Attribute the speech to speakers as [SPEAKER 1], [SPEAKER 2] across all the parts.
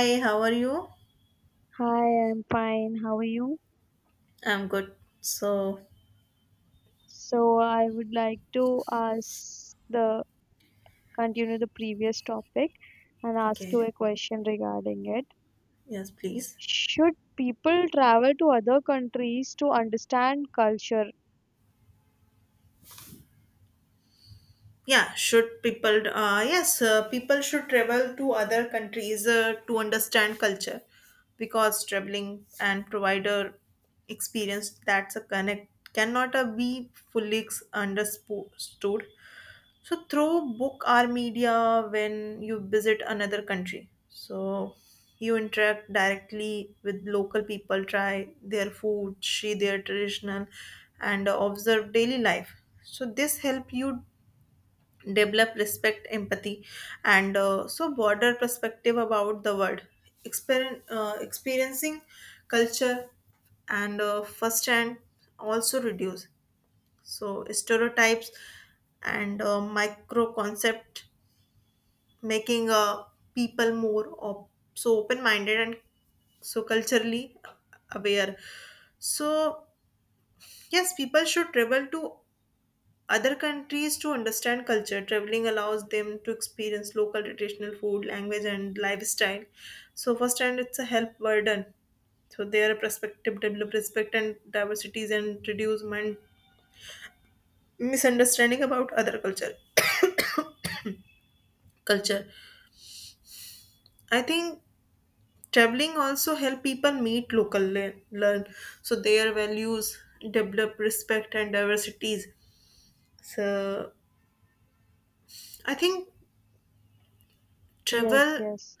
[SPEAKER 1] Hi, how are you?
[SPEAKER 2] Hi, I'm fine. How are you?
[SPEAKER 1] I'm good. So,
[SPEAKER 2] So I would like to ask the continue the previous topic and ask you
[SPEAKER 1] okay.
[SPEAKER 2] a question regarding it.
[SPEAKER 1] Yes, please.
[SPEAKER 2] Should people travel to other countries to understand culture?
[SPEAKER 1] Yeah, yes, people should travel to other countries to understand culture, because traveling and provider experience that's a connect cannot be fully understood. So through book or media when you visit another country. So you interact directly with local people, try their food, see their traditional and observe daily life. So this help you develop respect, empathy and so broader perspective about the world. Experiencing culture and first hand also reduce so stereotypes and micro concept, making people more so open minded and so culturally aware. So yes, people should travel to other countries to understand culture. Traveling allows them to experience local traditional food, language and lifestyle, so first hand it's a help burden so their perspective, develop respect and diversities and reduce mind misunderstanding about other culture. Culture, I think traveling also help people meet local learn so their values, develop respect and diversities. So I think
[SPEAKER 2] Yes,
[SPEAKER 1] travel.
[SPEAKER 2] yes,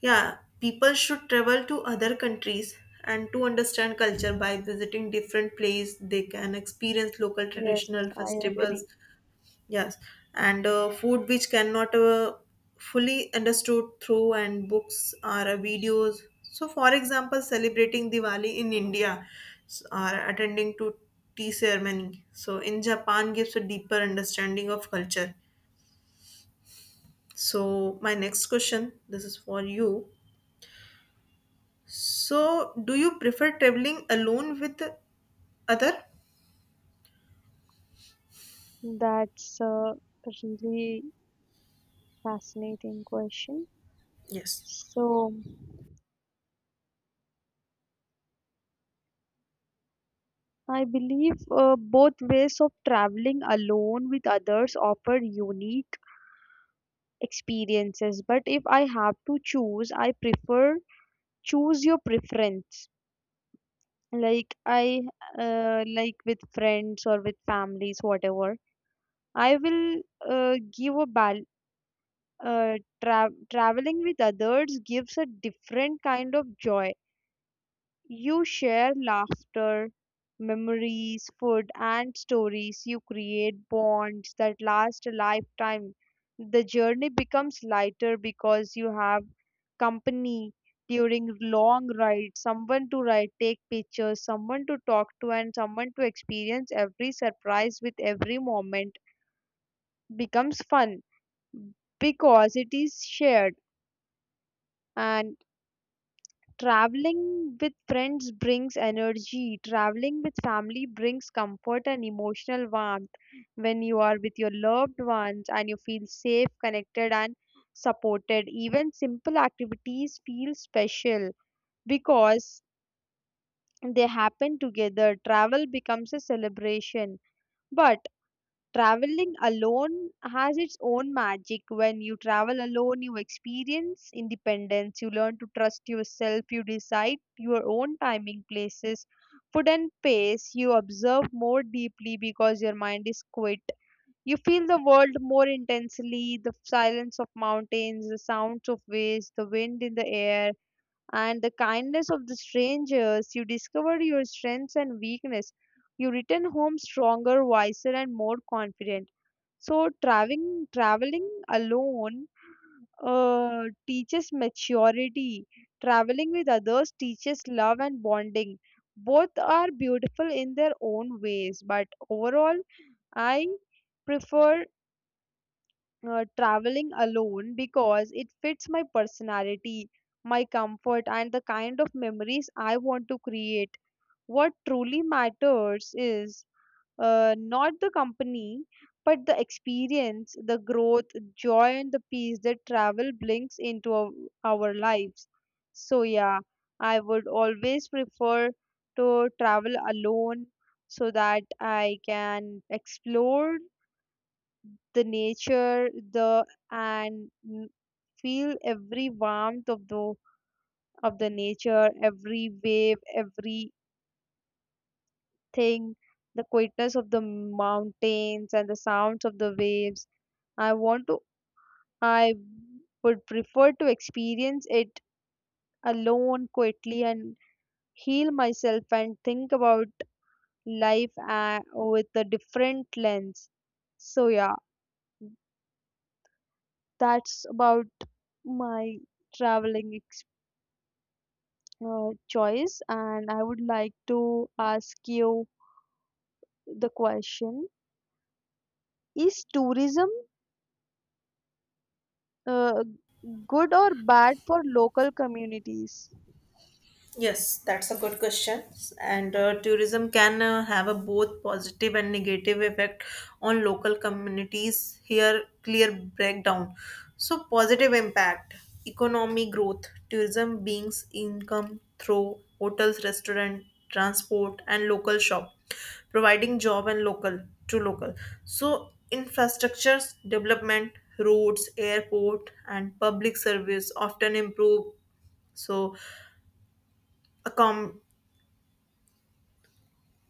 [SPEAKER 1] Yeah, people should travel to other countries and to understand culture by visiting different place. They can experience local
[SPEAKER 2] yes,
[SPEAKER 1] traditional
[SPEAKER 2] I
[SPEAKER 1] festivals.
[SPEAKER 2] agree.
[SPEAKER 1] Yes, and food which cannot fully understood through and books or videos. So, for example, celebrating Diwali in India or attending to tea ceremony. So, in Japan gives a deeper understanding of culture. So, my next question, this is for you. So, do you prefer traveling alone with other?
[SPEAKER 2] That's a really fascinating question.
[SPEAKER 1] Yes.
[SPEAKER 2] So I believe both ways of traveling alone with others offer unique experiences, but if I have to choose, I prefer choose your preference like I like with friends or with families, whatever. I will give a bal- uh, tra- Traveling with others gives a different kind of joy. You share laughter, memories, food, and stories. You create bonds that last a lifetime. The journey becomes lighter because you have company during long rides, someone to ride, take pictures, someone to talk to, and someone to experience every surprise with. Every moment becomes fun because it is shared. And Traveling with friends brings energy. Traveling with family brings comfort and emotional warmth. When you are with your loved ones and you feel safe, connected, and supported, even simple activities feel special because they happen together. Travel becomes a celebration. But Traveling alone has its own magic. When you travel alone, you experience independence, you learn to trust yourself, you decide your own timing, places, food, and pace. You observe more deeply because your mind is quiet. You feel the world more intensely, the silence of mountains, the sounds of waves, the wind in the air, and the kindness of the strangers. You discover your strengths and weakness. You return home stronger, wiser, and more confident. So traveling alone teaches maturity. Traveling with others teaches love and bonding. Both are beautiful in their own ways, but overall, I prefer traveling alone because it fits my personality, my comfort, and the kind of memories I want to create. What truly matters is not the company, but the experience, the growth, joy, and the peace that travel brings into our lives. So, yeah, I would always prefer to travel alone so that I can explore the nature, and n- feel every warmth of the nature, every wave, every thing, the quietness of the mountains and the sounds of the waves. I want to, I would prefer to experience it alone, quietly, and heal myself and think about life with a different lens. So, yeah, that's about my traveling ex- choice, and I would like to ask you the question. Is tourism uh, good or bad for local communities?
[SPEAKER 1] Yes, that's a good question. And tourism can have a both positive and negative effect on local communities. Here, clear breakdown. So, positive impact, economic growth, tourism brings income through hotels, restaurant, transport, and local shop, providing job and local to local. So, infrastructures development, roads, airport, and public service often improve. So, accom-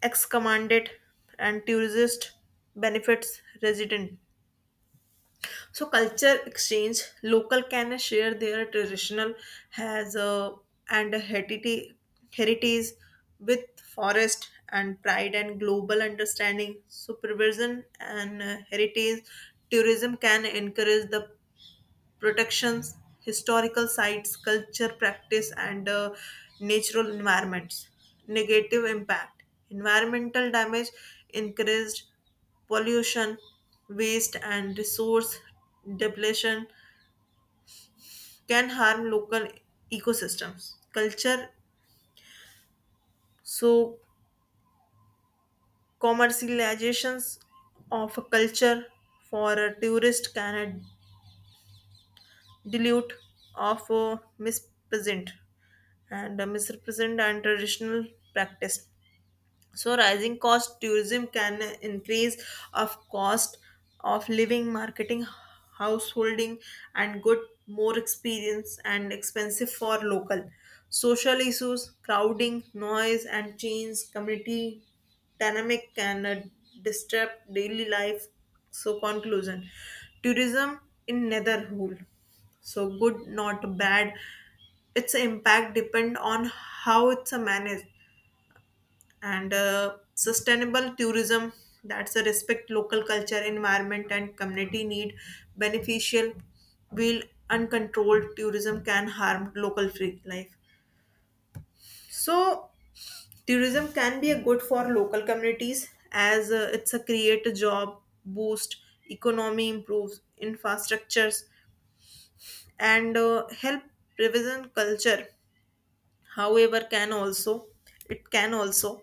[SPEAKER 1] ex-commanded and tourist benefits resident, so culture exchange, local can share their traditional has a and a heritage with forest and pride and global understanding, supervision and heritage. Tourism can encourage the protections, historical sites, culture practice, and natural environments. Negative impact, environmental damage, increased pollution, waste, and resource depletion can harm local ecosystems. Culture, so commercializations of a culture for a tourist can dilute of mispresent and misrepresent and traditional practice. So rising cost, tourism can increase of cost of living, marketing, householding, and good more experience and expensive for local. Social issues, crowding, noise, and change, community dynamic can disturb daily life. So conclusion, tourism in netherhood. So good, not bad. Its impact depend on how it's managed, and sustainable tourism that's a respect local culture environment and community need beneficial will. Uncontrolled tourism can harm local free life, so tourism can be a good for local communities as it's a create a job, boost economy, improves infrastructures and help revision culture. However can also it can also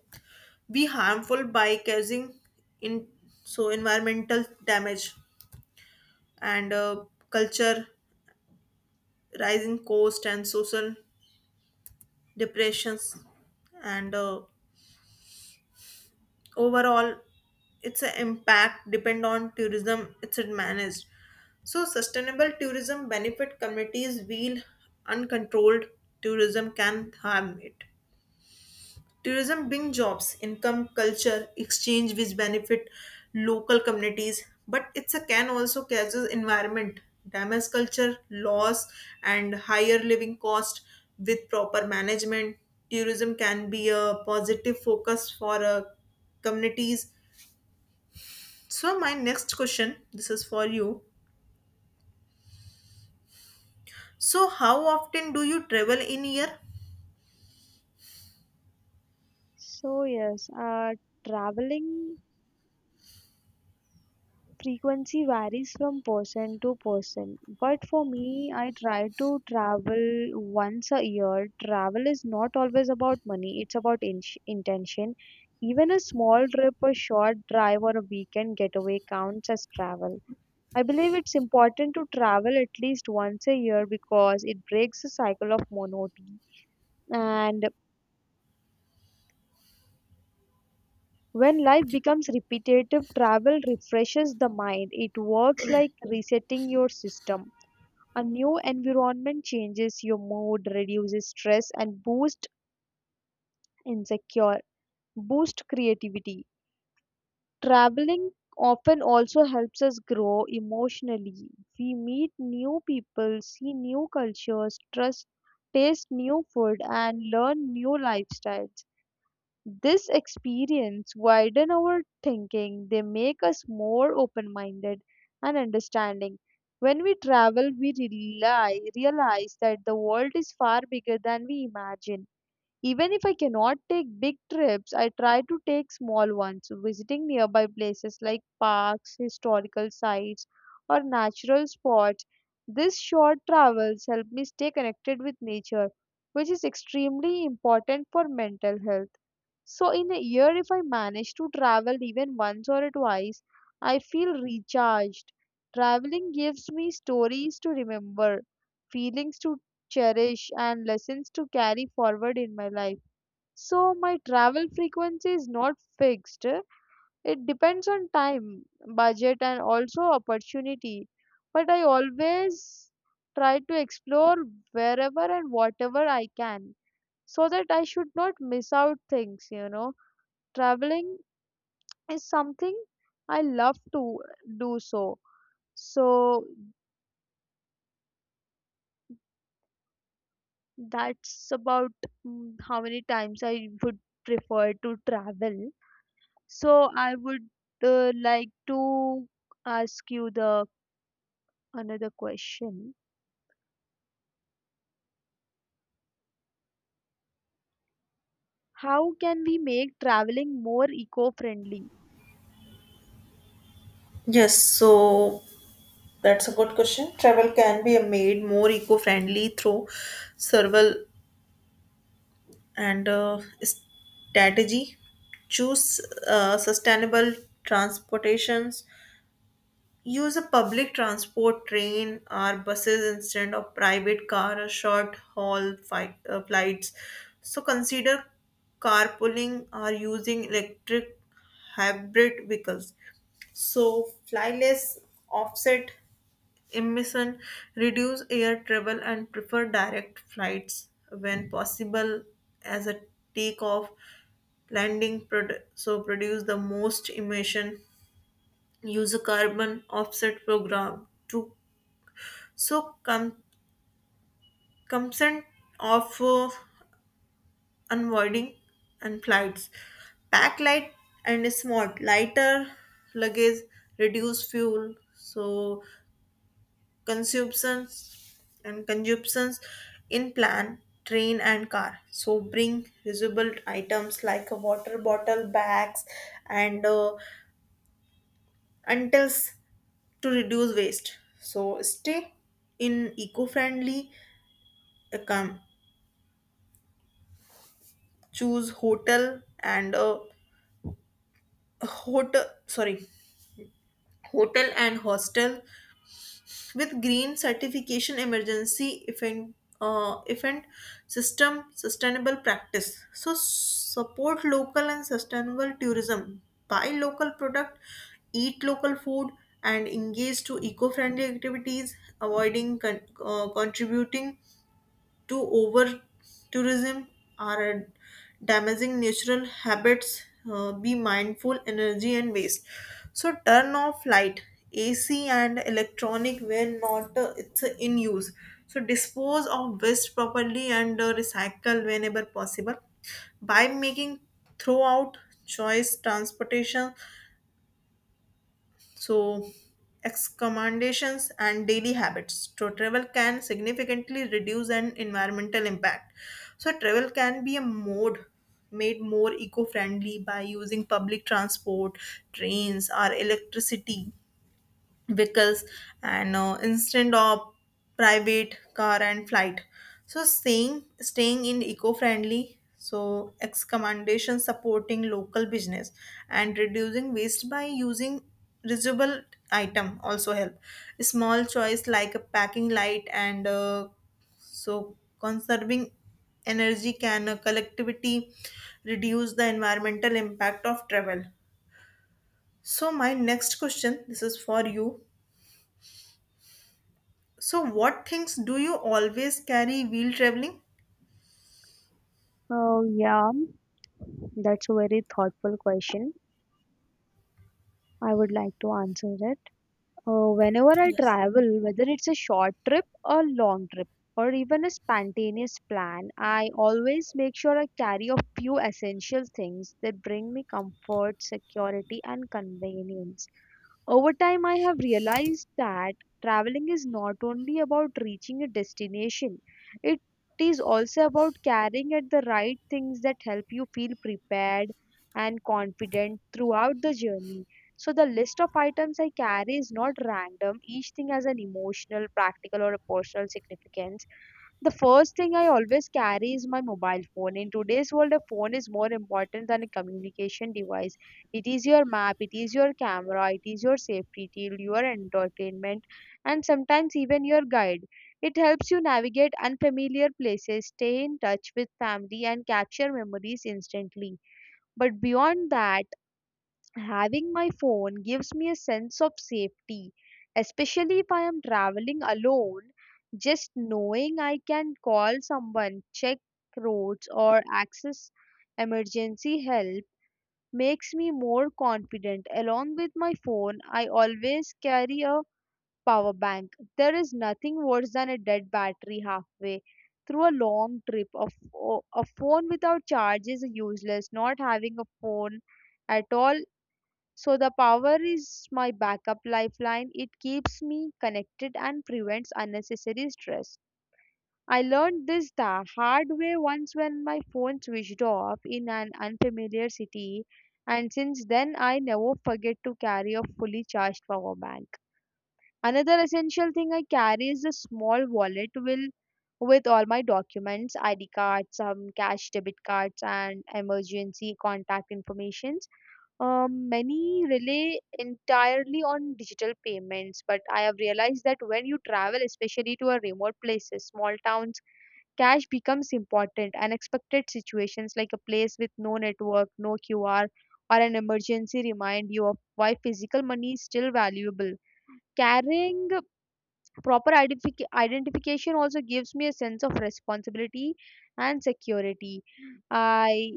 [SPEAKER 1] be harmful by causing in so environmental damage and culture, rising cost and social depressions, and overall its a impact depend on tourism it's it managed. So sustainable tourism benefit communities while uncontrolled tourism can harm it. Tourism brings jobs, income, culture, exchange which benefit local communities, but it's a can also causes environment damage, culture loss, and higher living cost. With proper management, tourism can be a positive focus for communities. So my next question, this is for you. So how often do you travel in year?
[SPEAKER 2] So, yes, traveling frequency varies from person to person. But for me, I try to travel once a year. Travel is not always about money, it's about intention. Even a small trip, a short drive, or a weekend getaway counts as travel. I believe it's important to travel at least once a year because it breaks the cycle of monotony. And When life becomes repetitive, travel refreshes the mind. It works like resetting your system. A new environment changes your mood, reduces stress, and insecure, boost creativity. Traveling often also helps us grow emotionally. We meet new people, see new cultures, trust, taste new food, and learn new lifestyles. This experience widen our thinking, they make us more open-minded and understanding. When we travel, realize that the world is far bigger than we imagine. Even if I cannot take big trips, I try to take small ones, visiting nearby places like parks, historical sites, or natural spots. These short travels help me stay connected with nature, which is extremely important for mental health. So, in a year, if I manage to travel even once or twice, I feel recharged. Traveling gives me stories to remember, feelings to cherish, and lessons to carry forward in my life. So, my travel frequency is not fixed. It depends on time, budget, and also opportunity. But I always try to explore wherever and whatever I can so that I should not miss out things. Traveling is something I love to do so. So that's about how many times I would prefer to travel. So I would like to ask you the another question. How can we make traveling more eco-friendly?
[SPEAKER 1] Yes, so that's a good question. Travel can be made more eco-friendly through several and strategy. Choose sustainable transportations, use a public transport, train or buses instead of private car or short haul flights. So consider carpooling or using electric hybrid vehicles. So fly less, offset emission, reduce air travel, and prefer direct flights when possible as a takeoff landing so produce the most emission. Use a carbon offset program to so com- consent of unvoiding and flights. Pack light and smart, lighter luggage reduce fuel so consumptions consumptions in plan, train and car. So bring reusable items like a water bottle, bags and untils to reduce waste. So stay in eco-friendly account. Choose hotel and hotel sorry hotel and hostel with green certification, emergency event uh, event system, sustainable practice. So support local and sustainable tourism, buy local product, eat local food and engage to eco-friendly activities, avoiding contributing to over tourism are damaging natural habits. Be mindful energy and waste, so turn off light, ac and electronic when not it's in use. So dispose of waste properly and recycle whenever possible by making throughout choice transportation. So, excommendations and daily habits. So, travel can significantly reduce an environmental impact. So, travel can be a mode made more eco-friendly by using public transport, trains, or electricity vehicles and instead of private car and flight. So staying in eco-friendly, so recommendation, supporting local business and reducing waste by using reusable item also help. Small choice like a packing light and so conserving energy can collectivity reduce the environmental impact of travel. So my next question, this is for you. So, what things do you always carry while traveling?
[SPEAKER 2] Oh yeah, that's a very thoughtful question. I would like to answer it. Whenever I
[SPEAKER 1] Yes,
[SPEAKER 2] travel, whether it's a short trip or long trip or even a spontaneous plan, I always make sure I carry a few essential things that bring me comfort, security, and convenience. Over time, I have realized that traveling is not only about reaching a destination, it is also about carrying at the right things that help you feel prepared and confident throughout the journey. So the list of items I carry is not random. Each thing has an emotional, practical, or a personal significance. The first thing I always carry is my mobile phone. In today's world, a phone is more important than a communication device. It is your map, it is your camera, it is your safety tool, your entertainment, and sometimes even your guide. It helps you navigate unfamiliar places, stay in touch with family, and capture memories instantly. But beyond that, having my phone gives me a sense of safety, especially if I am traveling alone. Just knowing I can call someone, check roads, or access emergency help makes me more confident. Along with my phone, I always carry a power bank. There is nothing worse than a dead battery halfway through a long trip. A phone without charge is useless. Not having a phone at all, so the power is my backup lifeline. It keeps me connected and prevents unnecessary stress. I learned this the hard way once when my phone switched off in an unfamiliar city, and since then I never forget to carry a fully charged power bank. Another essential thing I carry is a small wallet will with all my documents, ID cards, some cash, debit cards, and emergency contact information. Many rely entirely on digital payments, but I have realized that when you travel, especially to a remote places, small towns, cash becomes important. Unexpected situations like a place with no network, no QR, or an emergency remind you of why physical money is still valuable. Carrying proper identification also gives me a sense of responsibility and security. I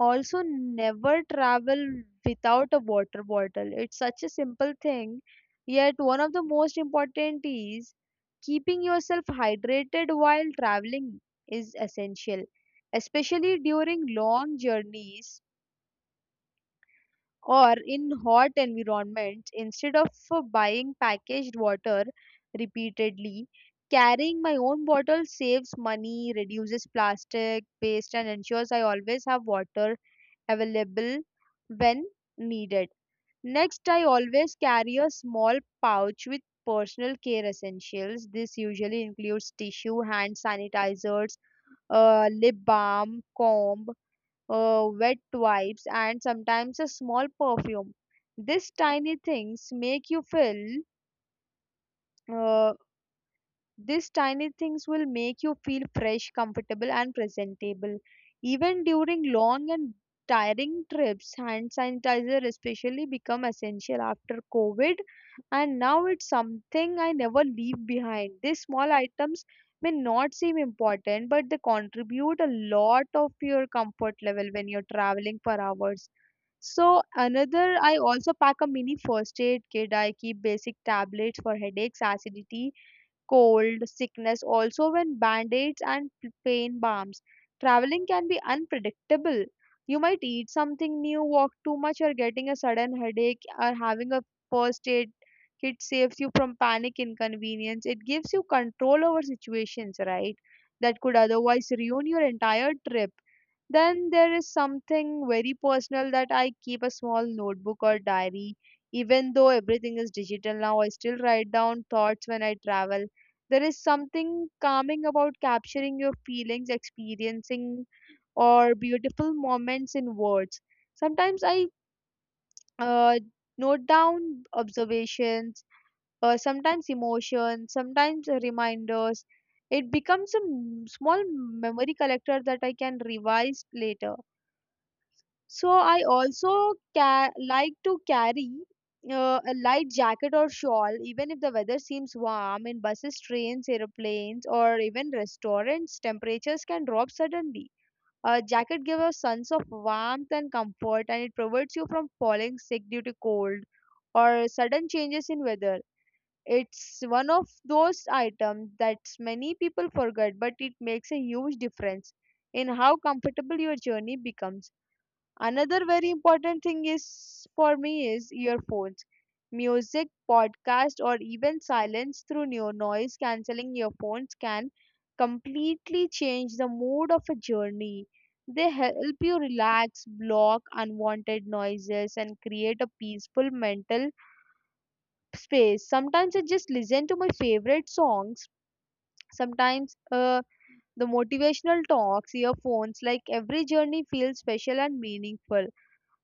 [SPEAKER 2] also never travel without a water bottle. It's such a simple thing, yet one of the most important is keeping yourself hydrated while traveling is essential, especially during long journeys or in hot environments. Instead of buying packaged water repeatedly, carrying my own bottle saves money, reduces plastic waste, and ensures I always have water available when needed. Next, I always carry a small pouch with personal care essentials. This usually includes tissue, hand sanitizers, lip balm, comb, wet wipes, and sometimes a small perfume. These tiny things make you feel uh, These tiny things will make you feel fresh, comfortable, and presentable. Even during long and tiring trips, hand sanitizer especially become essential after COVID, and now it's something I never leave behind. These small items may not seem important, but they contribute a lot of your comfort level when you're traveling for hours. So another, I also pack a mini first aid kit. I keep basic tablets for headaches, acidity, cold, sickness, also when band aids and pain balms. Traveling can be unpredictable. You might eat something new, walk too much, or getting a sudden headache, or having a first aid kit saves you from panic inconvenience. It gives you control over situations, right? That could otherwise ruin your entire trip. Then there is something very personal that I keep, a small notebook or diary. Even though everything is digital now, I still write down thoughts when I travel. There is something calming about capturing your feelings, experiencing or beautiful moments in words. Sometimes I uh, note down observations, sometimes emotions, sometimes reminders. It becomes a small memory collector that I can revise later. So I also like to carry a light jacket or shawl, even if the weather seems warm. In buses, trains, airplanes, or even restaurants, temperatures can drop suddenly. A jacket gives a sense of warmth and comfort, and it prevents you from falling sick due to cold or sudden changes in weather. It's one of those items that many people forget, but it makes a huge difference in how comfortable your journey becomes. Another very important thing is for me is earphones. Music, podcast, or even silence through no noise cancelling earphones can completely change the mood of a journey. They help you relax, block unwanted noises, and create a peaceful mental space. Sometimes I just listen to my favorite songs. Sometimes the motivational talks, earphones, like every journey feels special and meaningful.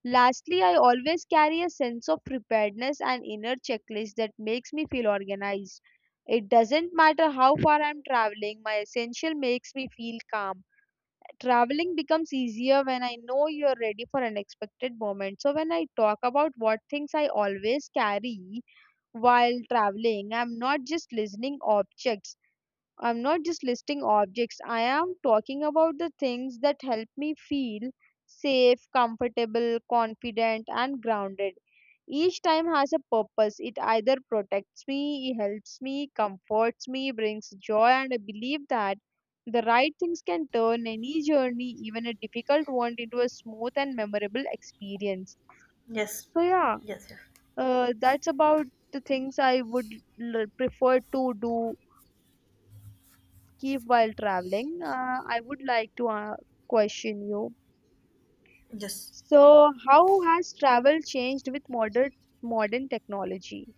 [SPEAKER 2] Lastly, I always carry a sense of preparedness and inner checklist that makes me feel organized. It doesn't matter how far I'm traveling, my essential makes me feel calm. Traveling becomes easier when I know you're ready for unexpected moments. So, when I talk about what things I always carry while traveling, I'm not just listening objects. I'm not just listing objects, I am talking about the things that help me feel safe, comfortable, confident, and grounded. Each time has a purpose. It either protects me, it helps me, comforts me, brings joy, and I believe that the right things can turn any journey, even a difficult one, into a smooth and memorable experience.
[SPEAKER 1] yes,
[SPEAKER 2] So, yeah,
[SPEAKER 1] yes, yes.
[SPEAKER 2] that's about the things I would prefer to do keep while traveling. I would like to question you.
[SPEAKER 1] Yes,
[SPEAKER 2] So, how has travel changed with modern technology?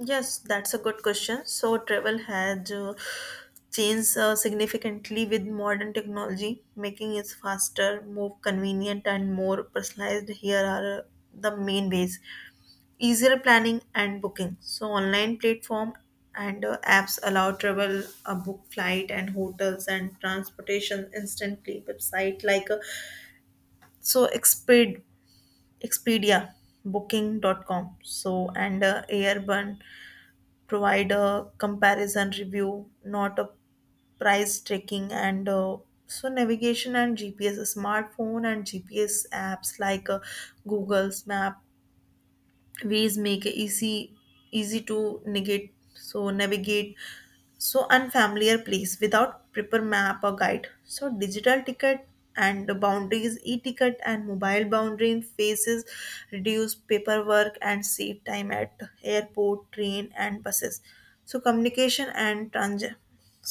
[SPEAKER 1] yes, that's a good question. So, travel has changed significantly with modern technology, making it faster, more convenient, and more personalized. Here are the main ways, easier planning and booking. So, online platform and apps allow travel, a book flight and hotels and transportation instantly. Website like so Exped, Expedia, Booking.com, so and Airburn provide a comparison review, not a price tracking, and so navigation and GPS. Smartphone and GPS apps like Google's Map, Waze make it easy to negate so navigate so unfamiliar place without proper map or guide. So digital ticket and the boundaries, e-ticket and mobile boundary faces reduce paperwork and save time at airport, train and buses. So communication and trans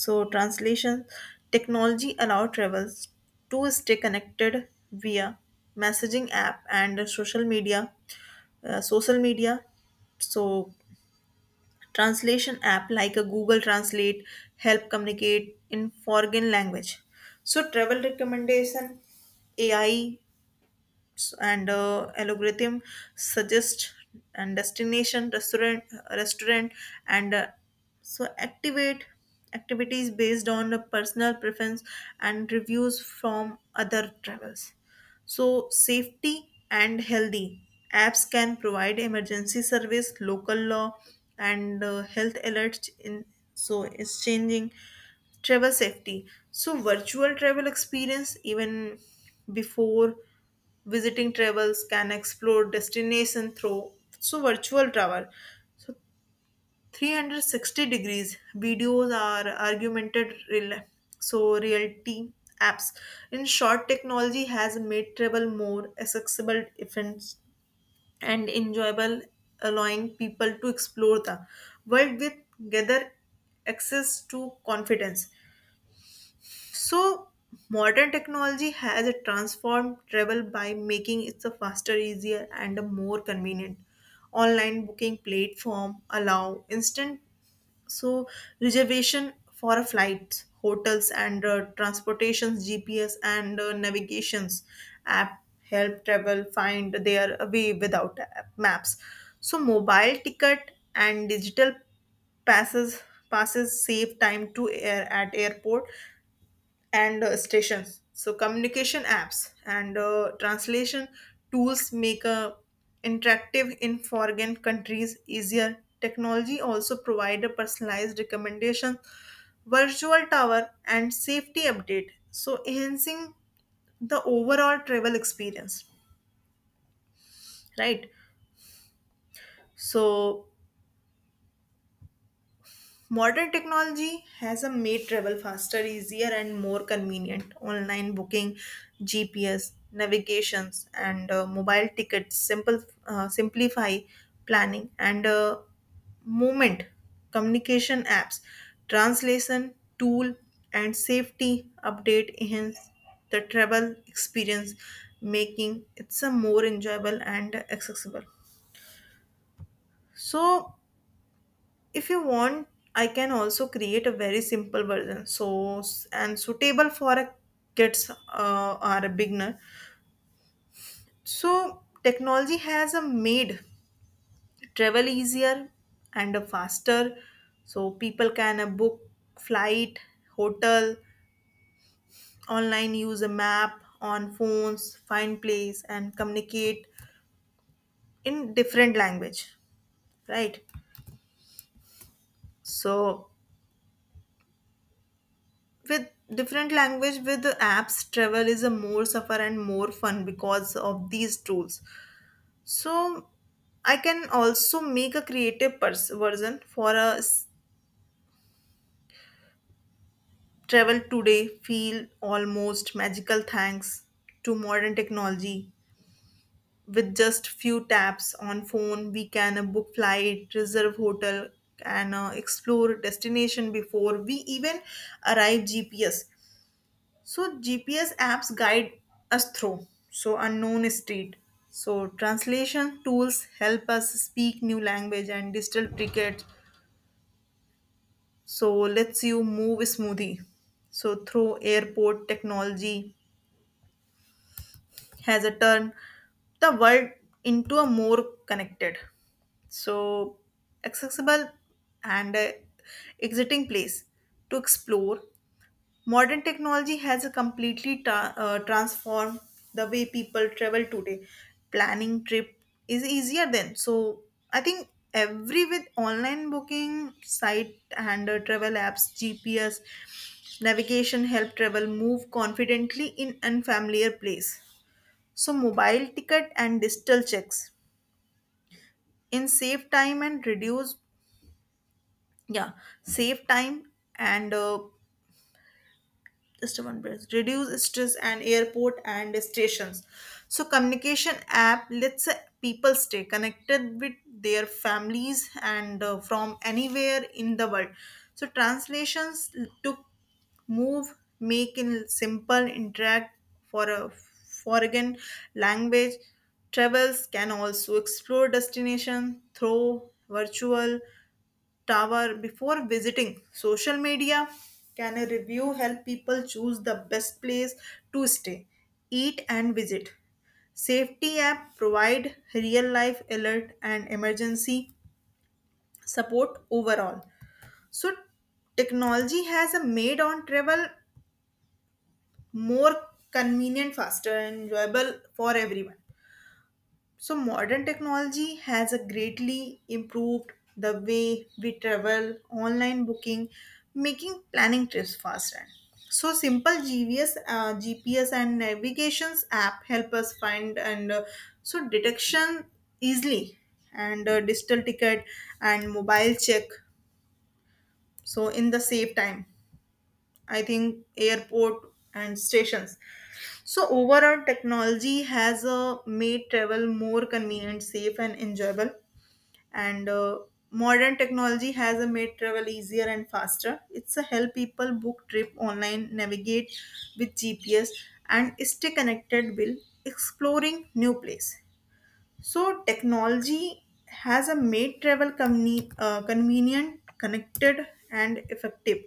[SPEAKER 1] so translation technology allow travelers to stay connected via messaging app and social media. So translation app like a google translate help communicate in foreign language. So travel recommendation, ai and algorithm suggest and destination restaurant and so activate activities based on a personal preference and reviews from other travels. So safety and healthy apps can provide emergency service, local law and health alerts in so it's changing travel safety. So virtual travel experience even before visiting, travels can explore destination through so virtual travel. So 360 degrees videos are augmented real so reality apps. In short, technology has made travel more accessible, events and enjoyable, allowing people to explore the world with gather access to confidence. So, modern technology has transformed travel by making it a faster, easier, and a more convenient. Online booking platform allow instant so reservation for a flights, hotels, and transportations. GPS and navigations app help travel find their way without app maps. So, mobile ticket and digital passes passes save time to air at airport and stations. So communication apps and translation tools make a interactive in foreign countries easier. Technology also provide a personalized recommendation, virtual tower, and safety update, so enhancing the overall travel experience, right? So modern technology has a made travel faster, easier, and more convenient. Online booking, GPS, navigations, and mobile tickets simple simplify planning and movement. Communication apps, translation tool, and safety update enhance the travel experience, making it's a more enjoyable and accessible. So if you want, I can also create a very simple version so and suitable for a kids or a beginner. So technology has made travel easier and faster. So people can book flight, hotel online, use a map on phones, find place and communicate in different language, right? So with different language with the apps, travel is a more suffer and more fun because of these tools. So I can also make a creative version for a travel today. Feel almost magical thanks to modern technology. With just few taps on phone we can book flight, reserve hotel and explore destination before we even arrive gps. So GPS apps guide us through so unknown street. So translation tools help us speak new language and digital tickets. So lets you move smoothly so through airport. Technology has a turn the world into a more connected, so accessible and exciting place to explore. Modern technology has completely transformed the way people travel today. Planning trip is easier then. So I think every with online booking site and travel apps, GPS, navigation help travel move confidently in unfamiliar place. So mobile ticket and digital checks in save time and reduce, yeah, save time and just a one breath reduce stress and airport and stations. So communication app lets people stay connected with their families and from anywhere in the world. So translations took move, make in simple interact for a foreign language. Travels can also explore destination through virtual tower before visiting. Social media can a review help people choose the best place to stay, eat and visit. Safety app provide real life alert and emergency support. Overall, so technology has a made on travel more convenient, faster and enjoyable for everyone. So, modern technology has a greatly improved the way we travel, online booking, making planning trips faster. So, simple GPS, and navigations app help us find and so detection easily, and digital ticket and mobile check. So, in the save time, I think, airport and stations. So, overall, technology has made travel more convenient, safe, and enjoyable. And modern technology has made travel easier and faster. It's a help people book trip online, navigate with gps and stay connected while exploring new place. So technology has a made travel convenient, connected and effective.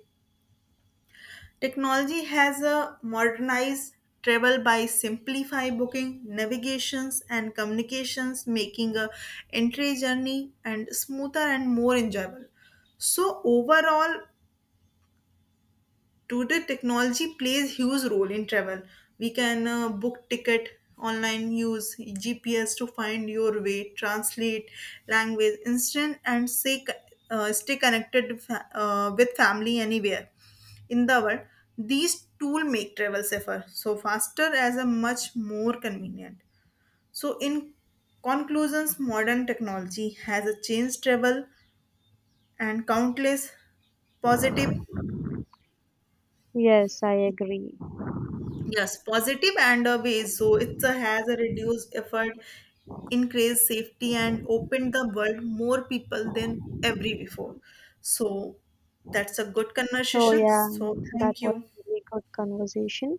[SPEAKER 1] Technology has modernized travel by simplifying booking, navigations, and communications, making a entry journey and smoother and more enjoyable. So overall, today, technology plays huge role in travel. We can book ticket online, use GPS to find your way, translate language instant, and stay connected with family anywhere in the world. These tools make travel safer, so faster as a much more convenient. So, in conclusions, modern technology has a changed travel and countless positive.
[SPEAKER 2] Yes, I agree.
[SPEAKER 1] Yes, positive and a ways. So it has a reduced effort, increased safety, and opened the world more people than every before. So that's a good
[SPEAKER 2] So,
[SPEAKER 1] conversation.
[SPEAKER 2] yeah,
[SPEAKER 1] So
[SPEAKER 2] that
[SPEAKER 1] thank
[SPEAKER 2] was
[SPEAKER 1] you.
[SPEAKER 2] a really good conversation.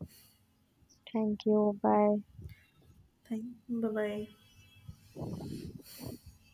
[SPEAKER 2] Thank you. Bye.
[SPEAKER 1] Thank. Bye bye.